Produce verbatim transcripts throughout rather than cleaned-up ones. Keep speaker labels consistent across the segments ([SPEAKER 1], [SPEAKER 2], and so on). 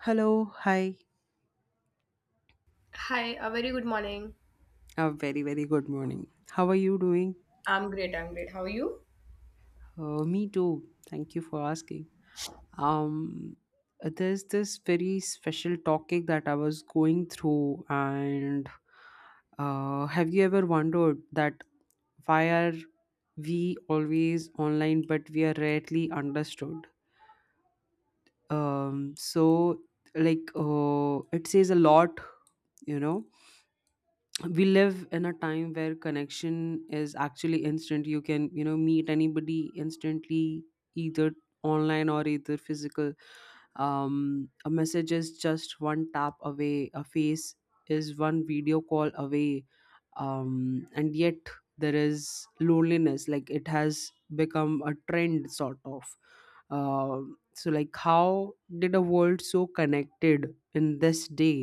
[SPEAKER 1] Hello, hi.
[SPEAKER 2] Hi, a very good morning.
[SPEAKER 1] A very, very good morning. How are you doing?
[SPEAKER 2] I'm great. I'm great. How are you?
[SPEAKER 1] Uh, me too. Thank you for asking. Um, there's this very special topic that I was going through, and uh, have you ever wondered that why are we always online but we are rarely understood? Um, so, like, uh, it says a lot, you know. We live in a time where connection is actually instant. You can, you know meet anybody instantly, either online or either physical. Um a message is just one tap away, a face is one video call away. Um, and yet there is loneliness, like it has become a trend, sort of. Um so, like, how did a world so connected in this day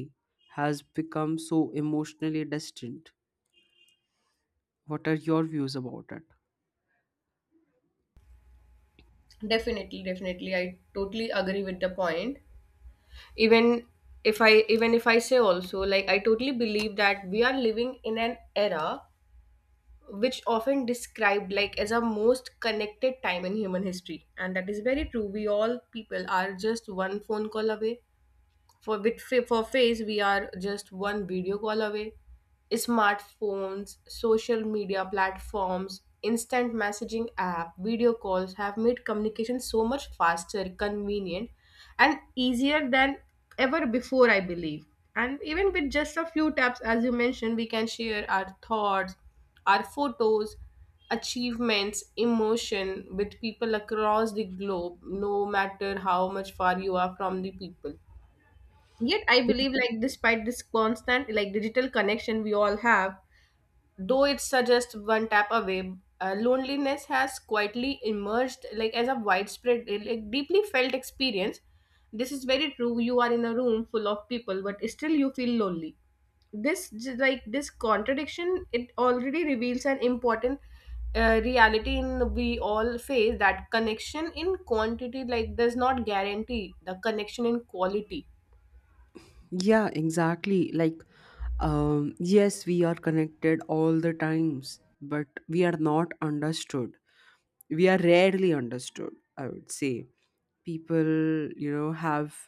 [SPEAKER 1] has become so emotionally distant? What are your views about it?
[SPEAKER 2] Definitely, definitely. I totally agree with the point. Even if I even if I say also, like I totally believe that we are living in an era which often described like as a most connected time in human history. And that is very true. We all people are just one phone call away. For with fa- for face, we are just one video call away. Smartphones, social media platforms, instant messaging app, video calls have made communication so much faster, convenient, and easier than ever before, I believe. And even with just a few taps, as you mentioned, we can share our thoughts, our photos, achievements, emotion with people across the globe, no matter how much far you are from the people. Yet I believe like despite this constant like digital connection we all have, though it's just one tap away, uh, loneliness has quietly emerged like as a widespread uh, like deeply felt experience. This is very true. You are in a room full of people, but still you feel lonely. This j- like this contradiction it already reveals an important uh, reality in we all face that connection in quantity like does not guarantee the connection in quality.
[SPEAKER 1] Yeah, exactly. Like um yes, we are connected all the times, but we are not understood. We are rarely understood, I would say. People, you know have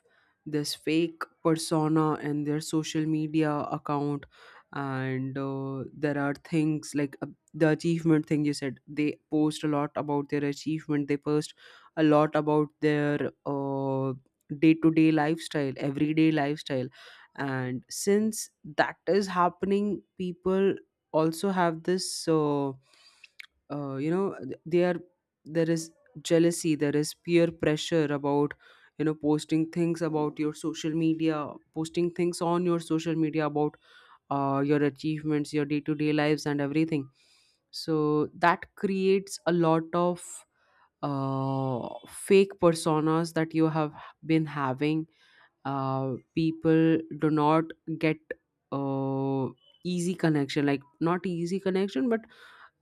[SPEAKER 1] this fake persona in their social media account. And uh, there are things like, uh, the achievement thing you said. They post a lot about their achievement. They post a lot about their uh, day-to-day lifestyle, everyday lifestyle. And since that is happening, people also have this uh, uh, you know, th- they are, there is jealousy, there is peer pressure about, you know, posting things about your social media, posting things on your social media about uh, your achievements, your day-to-day lives and everything. So that creates a lot of uh, fake personas that you have been having. Uh, people do not get uh, easy connection, like not easy connection, but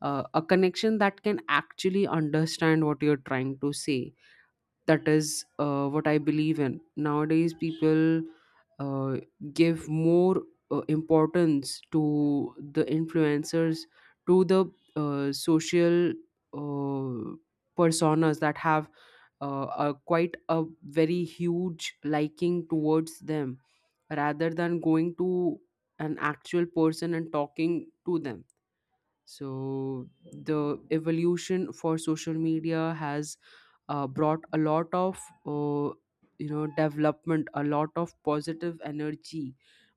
[SPEAKER 1] uh, a connection that can actually understand what you're trying to say. That is uh, what I believe in. Nowadays people uh, give more uh, importance to the influencers, to the uh, social uh, personas that have uh, a quite a very huge liking towards them, rather than going to an actual person and talking to them. So the evolution for social media has uh, brought a lot of uh, you know, development, a lot of positive energy,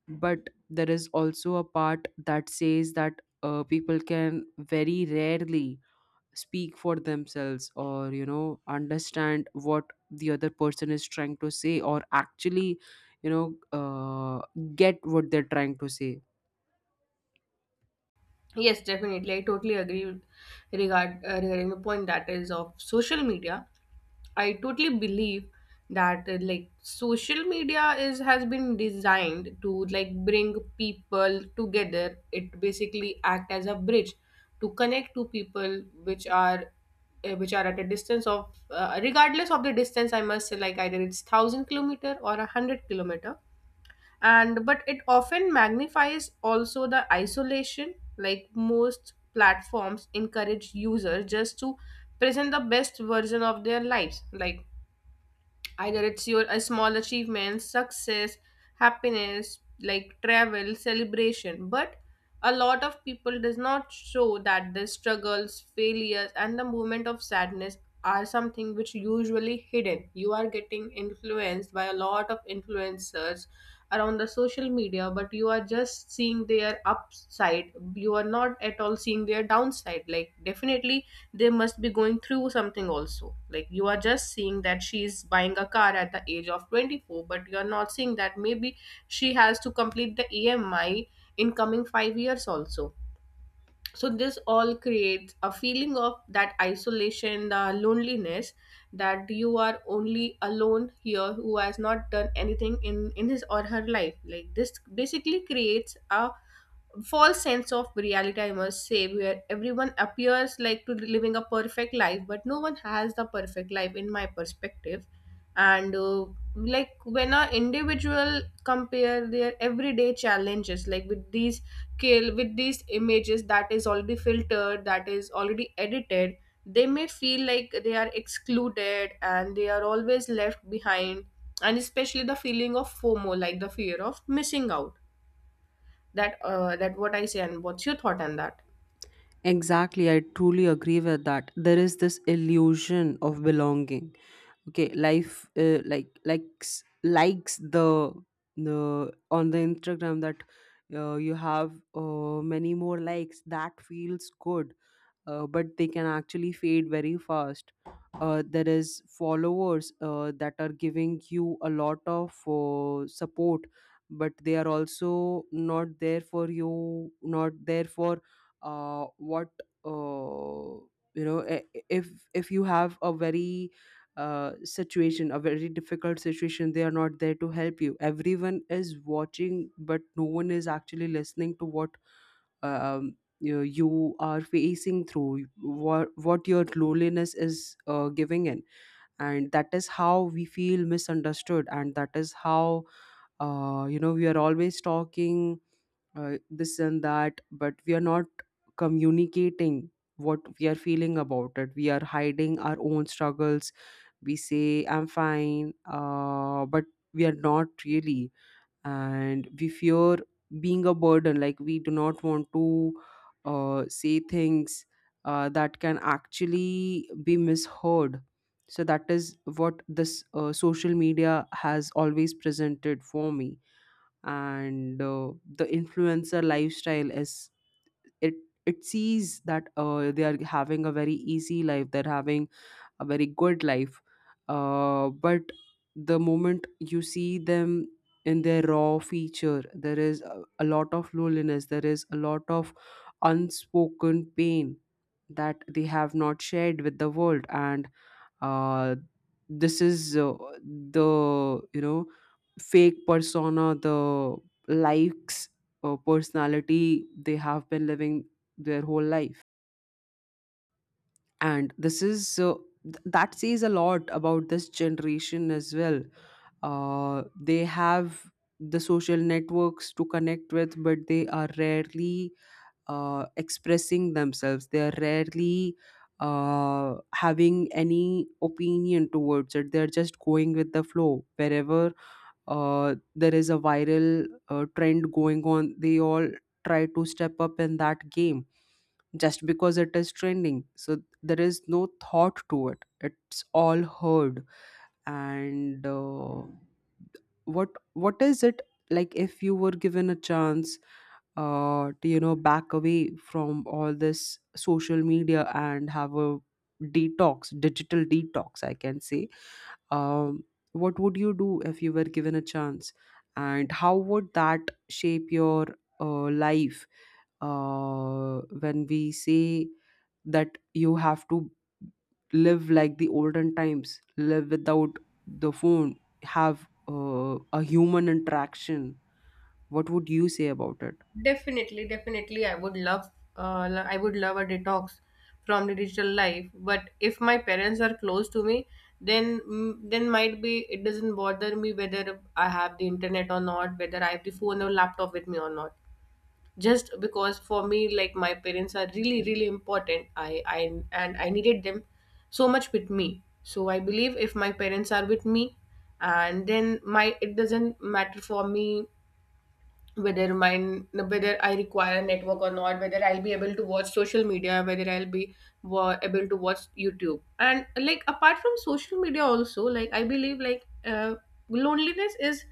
[SPEAKER 1] but there is also a part that says that uh, people can very rarely speak for themselves or, you know, understand what the other person is trying to say, or actually, you know, uh, get what they're trying to say.
[SPEAKER 2] Yes, definitely. I totally agree regard uh, regarding the point that is of social media. I totally believe that uh, like social media is has been designed to like bring people together. It basically act as a bridge to connect to people which are uh, which are at a distance of uh, regardless of the distance. I must say like either it's thousand kilometer or a hundred kilometer, and but it often magnifies also the isolation, like most platforms encourage users just to present the best version of their lives, like either it's your a small achievement, success, happiness, like travel celebration. But a lot of people does not show that the struggles, failures, and the moment of sadness are something which usually hidden. You are getting influenced by a lot of influencers around the social media, but you are just seeing their upside, you are not at all seeing their downside, like definitely they must be going through something also. Like you are just seeing that she's buying a car at the age of twenty-four, but you're not seeing that maybe she has to complete the E M I in coming five years also. So this all creates a feeling of that isolation, the loneliness, that you are only alone here who has not done anything in in his or her life. Like this basically creates a false sense of reality, I must say, where everyone appears like to living a perfect life, but no one has the perfect life in my perspective. And uh, like when a individual compare their everyday challenges, like with these kill with these images that is already filtered, that is already edited, they may feel like they are excluded and they are always left behind. And especially the feeling of FOMO, like the fear of missing out, that uh, that what I say. And what's your thought on that?
[SPEAKER 1] Exactly, I truly agree with that. There is this illusion of belonging. Okay, life, uh, like likes likes, the the on the Instagram, that uh, you have uh, many more likes. That feels good, uh, but they can actually fade very fast. Uh, there is followers uh, that are giving you a lot of uh, support, but they are also not there for you, not there for uh, what uh, you know. I- I- If if you have a very uh, situation, a very difficult situation, they are not there to help you. Everyone is watching, but no one is actually listening to what, um, you you are facing through, what what your loneliness is uh, giving in. And that is how we feel misunderstood, and that is how, uh, you know, we are always talking uh, this and that, but we are not communicating what we are feeling about it. We are hiding our own struggles. We say I'm fine, uh, but we are not really. And we fear being a burden, like we do not want to uh, say things uh, that can actually be misheard. So that is what this uh, social media has always presented for me. And uh, the influencer lifestyle is, it it sees that uh, they are having a very easy life, they're having a very good life, uh, but the moment you see them in their raw feature, there is a, a lot of loneliness, there is a lot of unspoken pain that they have not shared with the world. And uh, this is uh, the, you know, fake persona, the likes uh, personality they have been living their whole life. And this is, uh, th- that says a lot about this generation as well. Uh, they have the social networks to connect with, but they are rarely uh, expressing themselves. They are rarely uh, having any opinion towards it. They're just going with the flow. Wherever uh, there is a viral uh, trend going on, they all try to step up in that game, just because it is trending. So there is no thought to it, it's all heard. And uh, what what is it, like, if you were given a chance uh, to, you know, back away from all this social media and have a detox, digital detox, I can say. um, what would you do if you were given a chance, and how would that shape your uh, life uh, when we say that you have to live like the olden times, live without the phone, have uh, a human interaction? What would you say about it?
[SPEAKER 2] Definitely, definitely, I would love, uh, lo- I would love a detox from the digital life. But if my parents are close to me, then mm, then might be it doesn't bother me whether I have the internet or not, whether I have the phone or laptop with me or not. Just because for me, like my parents are really really important. I i and I needed them so much with me. So I believe if my parents are with me, and then my it doesn't matter for me whether mine whether I require a network or not, whether I'll be able to watch social media, whether I'll be wa- able to watch YouTube. And like apart from social media also, like I believe like uh, loneliness is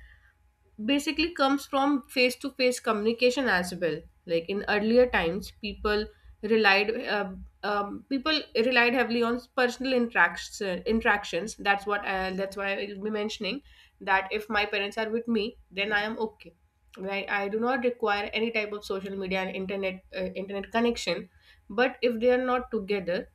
[SPEAKER 2] basically comes from face to face communication as well. Like in earlier times people relied uh, um, people relied heavily on personal interactions. interactions that's what uh, that's why I will be mentioning that if my parents are with me, then I am okay. Right, I do not require any type of social media and internet uh, internet connection. But if they are not together,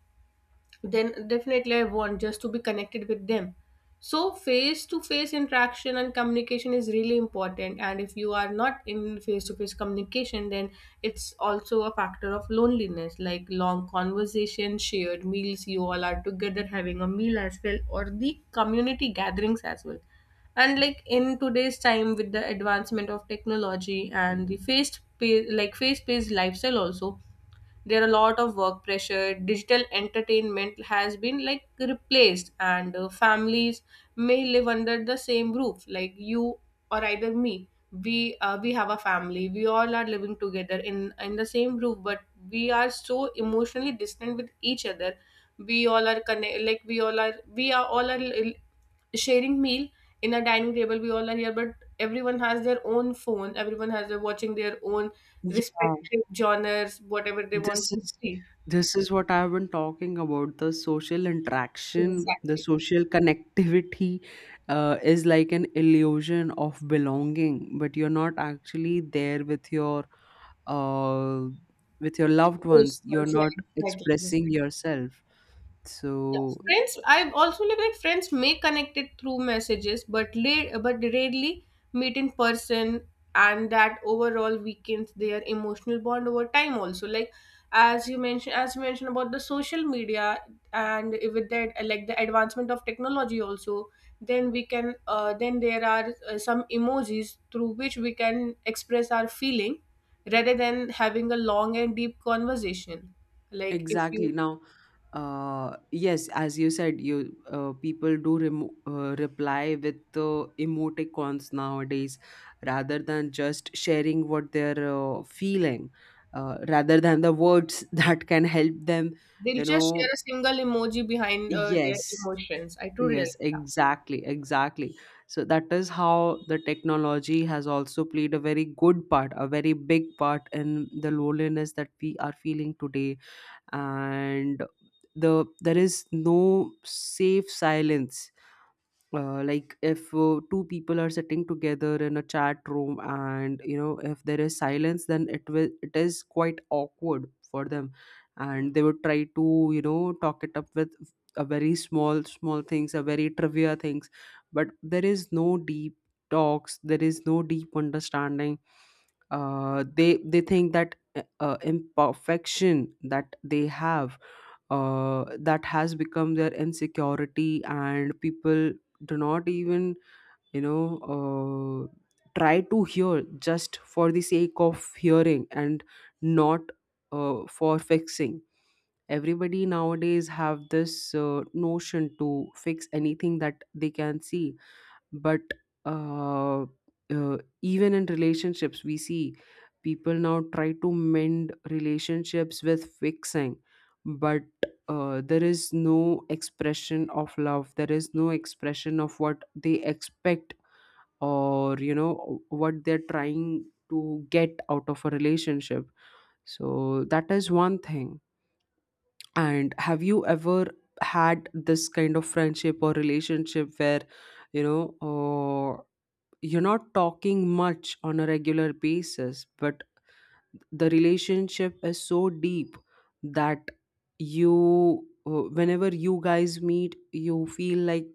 [SPEAKER 2] then definitely I want just to be connected with them. So face to face interaction and communication is really important. And if you are not in face to face communication, then it's also a factor of loneliness, like long conversation, shared meals, you all are together having a meal as well, or the community gatherings as well. And like in today's time, with the advancement of technology and the faced pa- like face-paced lifestyle also, there are a lot of work pressure. Digital entertainment has been like replaced, and uh, families may live under the same roof, like you or either me. We uh, we have a family, we all are living together in in the same roof, but we are so emotionally distant with each other. we all are connect like we all are we are all are sharing meal in a dining table. We all are here, but everyone has their own phone. Everyone has their watching their own
[SPEAKER 1] Yeah.
[SPEAKER 2] respective genres, whatever they want
[SPEAKER 1] This
[SPEAKER 2] to
[SPEAKER 1] is,
[SPEAKER 2] see.
[SPEAKER 1] this is what I've been talking about. The social interaction, the
[SPEAKER 2] Exactly.
[SPEAKER 1] social connectivity, uh, is like an illusion of belonging, but you're not actually there with your uh, with your loved
[SPEAKER 2] Close
[SPEAKER 1] ones. You're
[SPEAKER 2] ones, yeah,
[SPEAKER 1] not
[SPEAKER 2] exactly,
[SPEAKER 1] expressing
[SPEAKER 2] exactly.
[SPEAKER 1] yourself.
[SPEAKER 2] Yeah,
[SPEAKER 1] So
[SPEAKER 2] friends. I also live like friends may connect it through messages, but la- but rarely meet in person, and that overall weakens their emotional bond over time. Also, like as you mentioned, as you mentioned about the social media. And with that, uh, like the advancement of technology, also, then we can uh, then there are uh, some emojis through which we can express our feeling rather than having a long and deep conversation, like if
[SPEAKER 1] exactly.
[SPEAKER 2] you.
[SPEAKER 1] Now, uh, yes, as you said, you uh, people do remo- uh, reply with uh, emoticons nowadays, rather than just sharing what they're uh, feeling, uh, rather than the words that can help them,
[SPEAKER 2] They'll
[SPEAKER 1] you
[SPEAKER 2] just share
[SPEAKER 1] know.
[SPEAKER 2] a single emoji behind uh, their
[SPEAKER 1] Yes,
[SPEAKER 2] emotions. I do realize.
[SPEAKER 1] yes, exactly, exactly. So that is how the technology has also played a very good part, a very big part in the loneliness that we are feeling today. And the there is no safe silence, uh, like if uh, two people are sitting together in a chat room, and you know, if there is silence, then it will it is quite awkward for them, and they would try to, you know, talk it up with a very small small things, a very trivia things. But there is no deep talks, there is no deep understanding. uh, they they think that uh, imperfection that they have uh, that has become their insecurity, and people do not even, you know uh, try to hear just for the sake of hearing, and not uh, for fixing. Everybody nowadays have this uh, notion to fix anything that they can see. But uh, uh, even in relationships we see people now try to mend relationships with fixing. But uh, there is no expression of love, there is no expression of what they expect, or, you know, what they're trying to get out of a relationship. So that is one thing. And have you ever had this kind of friendship or relationship where, you know uh, you're not talking much on a regular basis, but the relationship is so deep that you, uh, whenever you guys meet, you feel like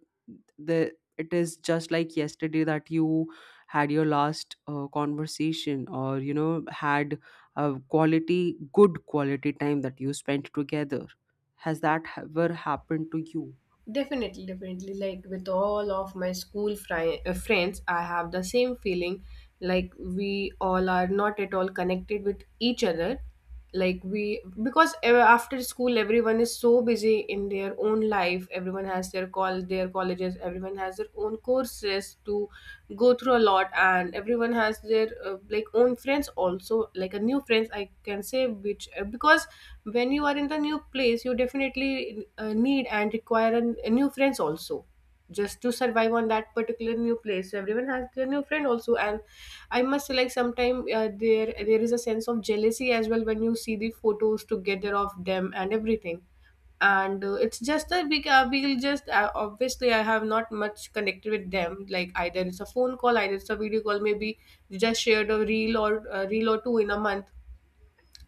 [SPEAKER 1] the it is just like yesterday that you had your last uh, conversation, or, you know, had a quality, good quality time that you spent together? Has that ever happened to you?
[SPEAKER 2] Definitely, definitely. Like with all of my school fri- uh, friends, I have the same feeling. Like we all are not at all connected with each other. Like we, because ev- after school, everyone is so busy in their own life. Everyone has their call, their colleges. Everyone has their own courses to go through a lot, and everyone has their uh, like own friends also, like a new friends I can say, which uh, because when you are in the new place you definitely uh, need and require a, a new friends also, just to survive on that particular new place. So everyone has their new friend also. And I must say like sometime uh, there there is a sense of jealousy as well, when you see the photos together of them and everything. And uh, it's just that we ca- we'll just uh, obviously I have not much connected with them. Like either it's a phone call, either it's a video call. Maybe we just shared a reel or a reel or two in a month.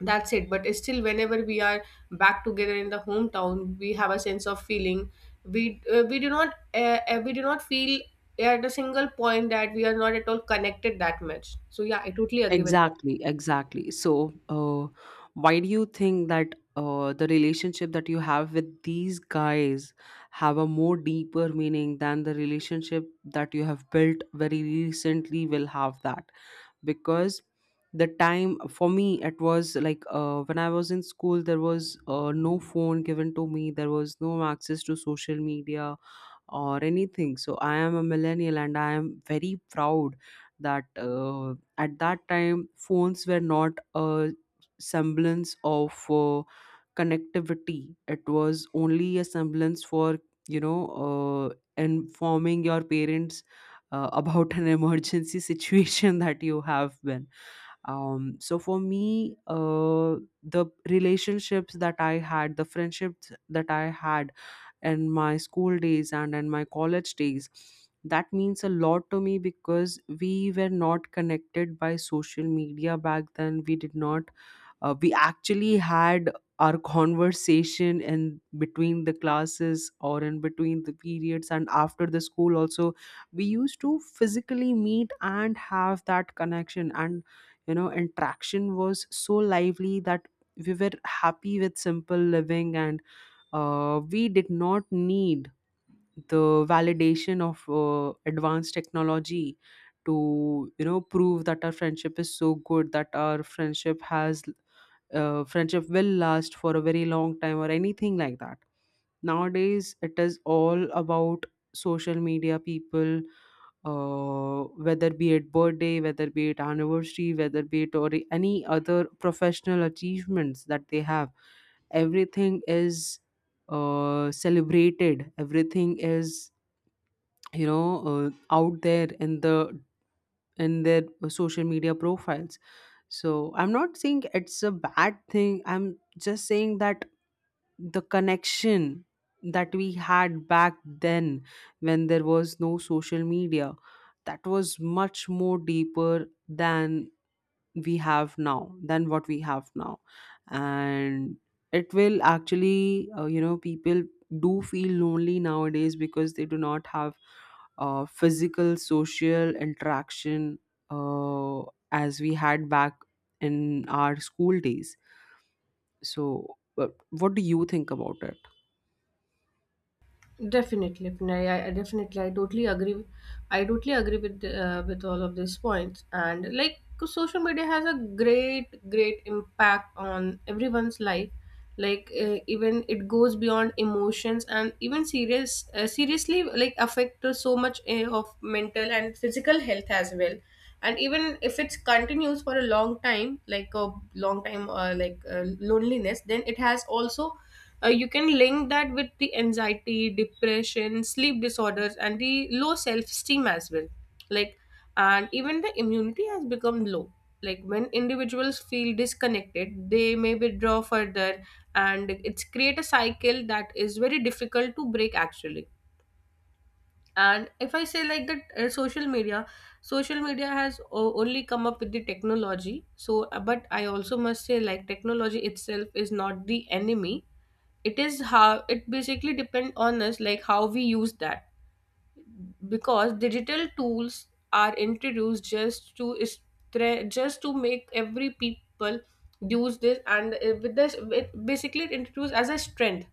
[SPEAKER 2] That's it. But still, whenever we are back together in the hometown, we have a sense of feeling. We uh, we do not uh, uh, we do not feel at a single point that we are not at all connected that much. So yeah, I totally agree with that.
[SPEAKER 1] Exactly, exactly. So, uh, why do you think that uh, the relationship that you have with these guys have a more deeper meaning than the relationship that you have built very recently will have that? Because the time for me, it was like, uh, when I was in school, there was uh, no phone given to me, there was no access to social media or anything. So I am a millennial, and I am very proud that, uh, at that time, phones were not a semblance of uh, connectivity. It was only a semblance for, you know, uh, informing your parents uh, about an emergency situation that you have been um, so for me uh, the relationships that I had, the friendships that I had in my school days and in my college days, that means a lot to me because we were not connected by social media back then. We did not uh, we actually had our conversation in between the classes or in between the periods, and after the school also we used to physically meet and have that connection and, you know, interaction was so lively. That we were happy with simple living and uh, we did not need the validation of uh, advanced technology to, you know, prove that our friendship is so good, that our friendship has uh, friendship will last for a very long time or anything like that. Nowadays it is all about social media. People uh, whether be it birthday, whether be it anniversary, whether be it or any other professional achievements that they have, everything is, uh, celebrated. Everything is, you know, uh, out there in the in their uh, social media profiles. So I'm not saying it's a bad thing, I'm just saying that the connection that we had back then, when there was no social media, that was much more deeper than we have now than what we have now. And it will actually, uh, you know, people do feel lonely nowadays because they do not have uh, physical social interaction, uh, as we had back in our school days. So, but what do you think about it?
[SPEAKER 2] Definitely, Vinay. I, I definitely, I totally agree. with- I totally agree with uh, with all of these points. And like, 'cause social media has a great, great impact on everyone's life. Like, uh, even it goes beyond emotions and even serious, uh, seriously, like affect to so much uh, of mental and physical health as well. And even if it continues for a long time, like a long time, uh, like uh, loneliness, then it has also uh, you can link that with the anxiety, depression, sleep disorders, and the low self-esteem as well, like, and even the immunity has become low, like when individuals feel disconnected they may withdraw further, and it's create a cycle that is very difficult to break actually. And if I say like that uh, social media social media has o- only come up with the technology, so uh, but I also must say, like, technology itself is not the enemy. It is how it basically depend on us, like how we use that. Because digital tools are introduced just to is- tre- just to make every people use this and uh, with this, it basically it introduced as a strength,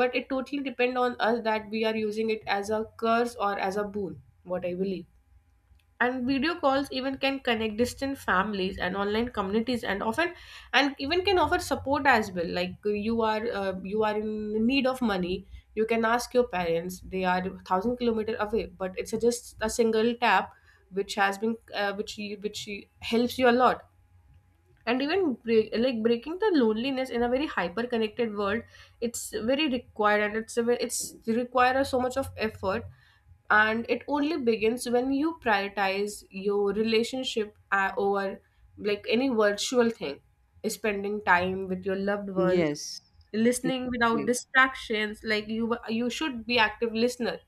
[SPEAKER 2] but it totally depend on us that we are using it as a curse or as a boon, what I believe. And video calls even can connect distant families and online communities and often, and even can offer support as well. Like, uh, you are uh, you are in need of money, you can ask your parents, they are a thousand kilometer away, but it's a, just a single tap which has been uh, which you, which helps you a lot. And even break, like breaking the loneliness in a very hyper connected world, it's very required, and it's a, ve- it's requires so much of effort. And it only begins when you prioritize your relationship uh, over like any virtual thing: spending time with your loved ones,
[SPEAKER 1] Yes.
[SPEAKER 2] listening without
[SPEAKER 1] Exactly.
[SPEAKER 2] distractions, like you you should be active listener,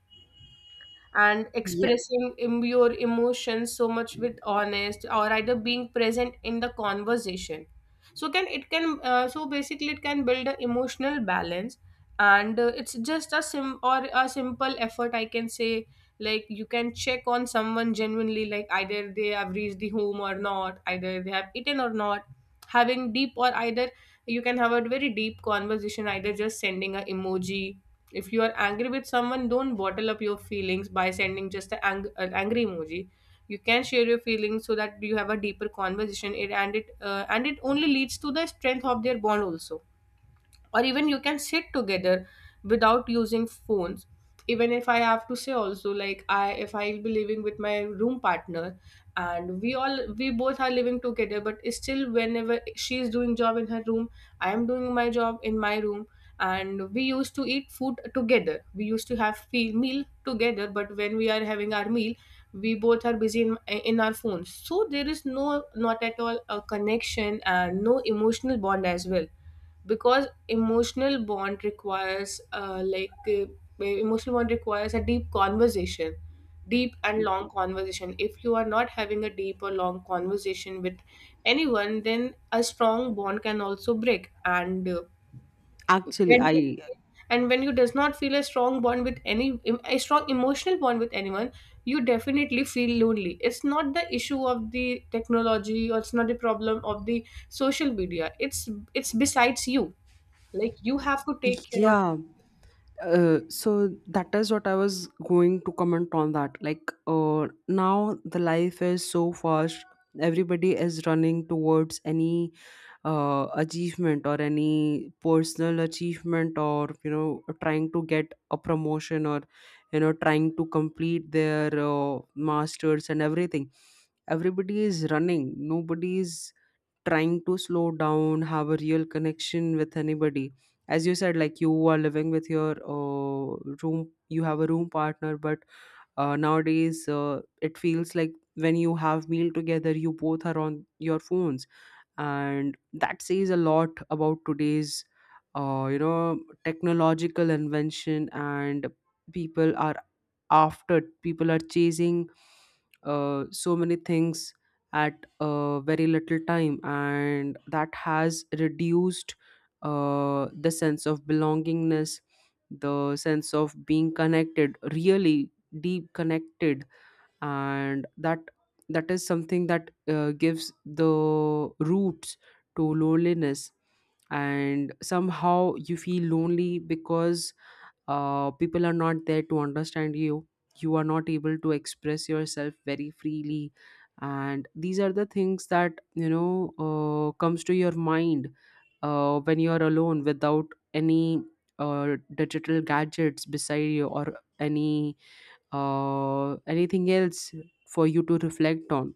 [SPEAKER 2] and
[SPEAKER 1] Yeah.
[SPEAKER 2] expressing em- your emotions so much with honest, or either being present in the conversation. So can it can uh, so basically it can build an emotional balance. And uh, it's just a sim, or a simple effort I can say. Like, you can check on someone genuinely, like either they have reached the home or not, either they have eaten or not, having deep, or either you can have a very deep conversation, either just sending a emoji. If you are angry with someone, don't bottle up your feelings by sending just a ang- an angry emoji. You can share your feelings so that you have a deeper conversation. It and it uh, and it only leads to the strength of their bond also. Or even you can sit together without using phones. Even if I have to say also, like, I if I'll be living with my room partner, and we all we both are living together, but still, whenever she is doing job in her room, I am doing my job in my room. And we used to eat food together, we used to have fe- meal together, but when we are having our meal, we both are busy in, in our phones. So there is no, not at all a connection, and no emotional bond as well. Because emotional bond requires uh, like uh, emotional bond requires a deep conversation, deep and long conversation. If you are not having a deep or long conversation with anyone, then a strong bond can also break. And uh,
[SPEAKER 1] actually
[SPEAKER 2] when you
[SPEAKER 1] I
[SPEAKER 2] and when you does not feel a strong bond with any a strong emotional bond with anyone, you definitely feel lonely. It's not the issue of the technology, or it's not the problem of the social media, it's it's besides you. Like, you have to take care of.
[SPEAKER 1] Yeah. Uh, so that is what I was going to comment on that. Like, uh, now the life is so fast. Everybody is running towards any uh, achievement or any personal achievement, or you know, trying to get a promotion, or you know, trying to complete their uh, masters and everything. Everybody is running. Nobody is trying to slow down, have a real connection with anybody. As you said, like you are living with your uh, room, you have a room partner, but uh, nowadays uh, it feels like when you have meal together, you both are on your phones, and that says a lot about today's, uh, you know, technological invention. And people are after people are chasing uh, so many things at uh, very little time, and that has reduced uh, the sense of belongingness, the sense of being connected really deep connected. And that that is something that, uh, gives the roots to loneliness. And somehow you feel lonely because uh, people are not there to understand you, you are not able to express yourself very freely. And these are the things that, you know, uh, comes to your mind uh, when you are alone without any uh, digital gadgets beside you, or any uh, anything else for you to reflect on.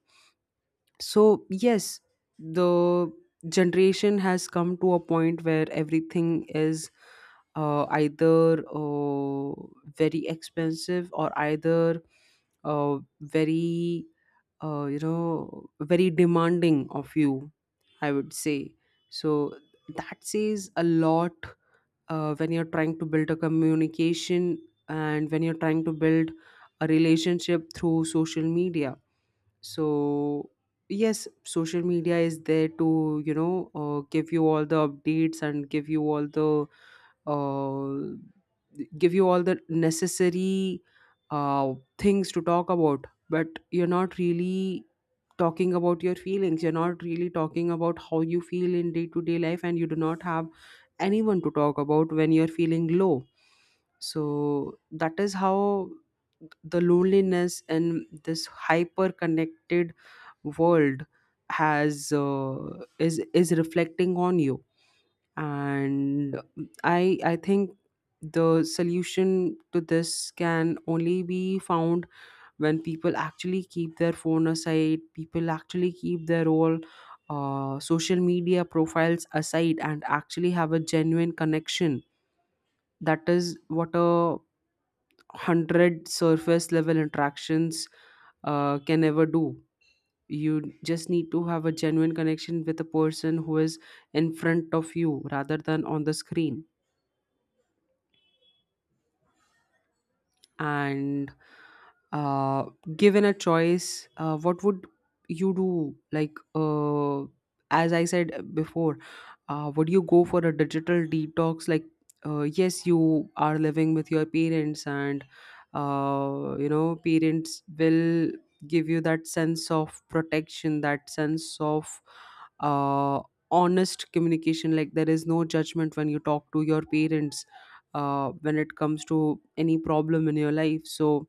[SPEAKER 1] So, yes, the generation has come to a point where everything is, uh, either uh, very expensive, or either, uh, very, uh, you know, very demanding of you, I would say. So, that says a lot uh, when you're trying to build a communication, and when you're trying to build a relationship through social media. So, yes, social media is there to, you know, uh, give you all the updates, and give you all the uh, give you all the necessary uh, things to talk about. But you're not really talking about your feelings, you're not really talking about how you feel in day to day life, and you do not have anyone to talk about when you're feeling low. So that is how the loneliness in this hyper connected world has uh, is is reflecting on you. And i i think the solution to this can only be found when people actually keep their phone aside, people actually keep their all uh, social media profiles aside, and actually have a genuine connection. That is what a hundred surface level interactions uh, can ever do. You just need to have a genuine connection with a person who is in front of you, rather than on the screen. And uh, given a choice, uh, what would you do? Like, uh, as I said before, uh, would you go for a digital detox? Like, uh, yes, you are living with your parents, and uh, you know, parents will give you that sense of protection, that sense of, uh, honest communication. Like, there is no judgment when you talk to your parents uh, when it comes to any problem in your life. So,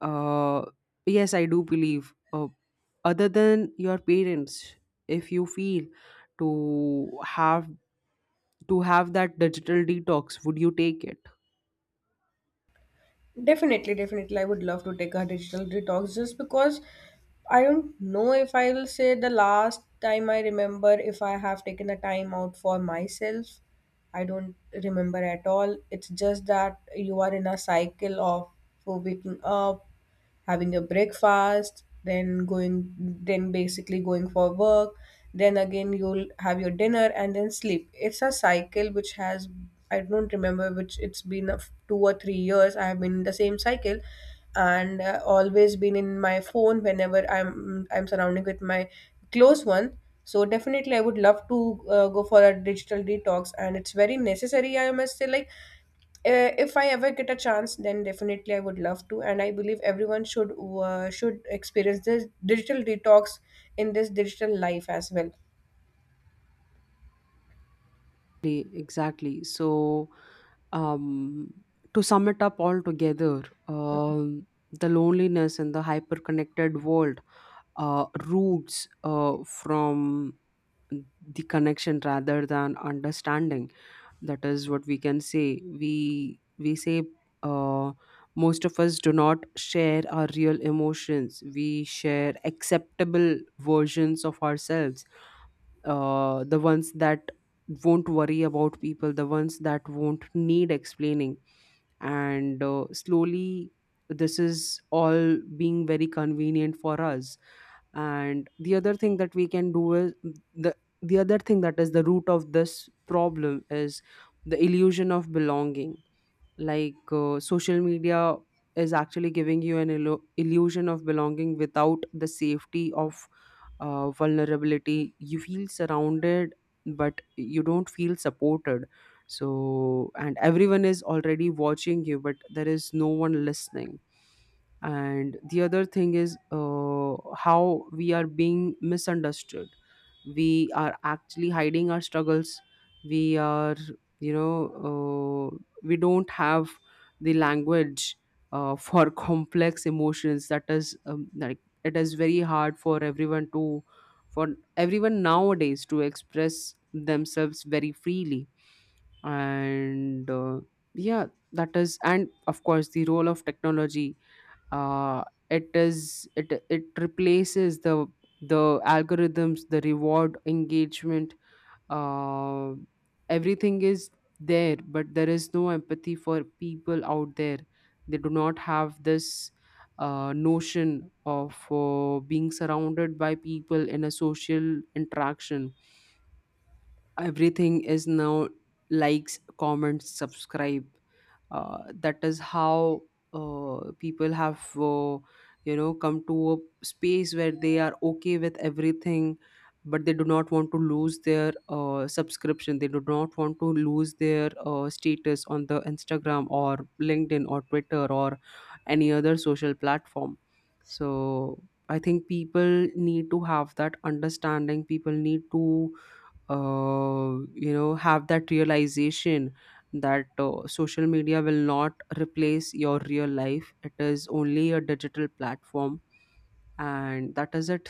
[SPEAKER 1] uh, yes, I do believe, uh, other than your parents, if you feel to have to have that digital detox, would you take it?
[SPEAKER 2] Definitely, definitely. I would love to take a digital detox just because I don't know if I will say the last time I remember if I have taken the time out for myself. I don't remember at all. It's just that you are in a cycle of waking up, having a breakfast, then going, then basically going for work, then again you'll have your dinner and then sleep. It's a cycle which has, I don't remember which, it's been a f- two or three years. I have been in the same cycle, and uh, always been in my phone whenever I'm, I'm surrounding with my close one. So definitely I would love to uh, go for a digital detox, and it's very necessary. I must say, like uh, if I ever get a chance, then definitely I would love to, and I believe everyone should uh, should experience this digital detox in this digital life as well.
[SPEAKER 1] Exactly, exactly. So, um, to sum it up all together, um, the loneliness in the hyper-connected world uh, roots uh, from the connection rather than understanding. That is what we can say we we say uh, Most of us do not share our real emotions, we share acceptable versions of ourselves, uh, the ones that won't worry about people, the ones that won't need explaining. And uh, slowly this is all being very convenient for us. And the other thing that we can do is the the other thing, that is the root of this problem, is the illusion of belonging. Like, uh, social media is actually giving you an illu- illusion of belonging without the safety of, uh, vulnerability. You feel surrounded, but you don't feel supported. So, and everyone is already watching you, but there is no one listening. And the other thing is, uh, how we are being misunderstood. We are actually hiding our struggles, we are, you know, uh, we don't have the language uh, for complex emotions. That is, um, like, it is very hard for everyone to, for everyone nowadays to express themselves very freely. And uh, yeah, that is, and of course, the role of technology, uh, it is it it replaces the the algorithms, the reward engagement, uh, everything is there, but there is no empathy for people out there. They do not have this uh, notion of uh, being surrounded by people in a social interaction. Everything is now likes, comments, subscribe. Uh, that is how uh, people have, uh, you know, come to a space where they are okay with everything, but they do not want to lose their uh, subscription, they do not want to lose their uh, status on the Instagram, or LinkedIn, or Twitter, or any other social platform. So I think people need to have that understanding, people need to, uh, you know, have that realization, that uh, social media will not replace your real life, it is only a digital platform, and that is it.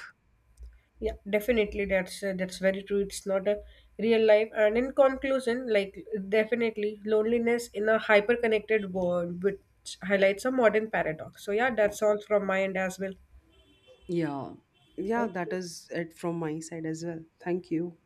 [SPEAKER 2] Yeah, definitely that's uh, that's very true. It's not a real life. And in conclusion, like, definitely loneliness in a hyper connected world, which highlights a modern paradox. So yeah, that's all from my end as well.
[SPEAKER 1] Yeah. Yeah, that is it from my side as well. Thank you.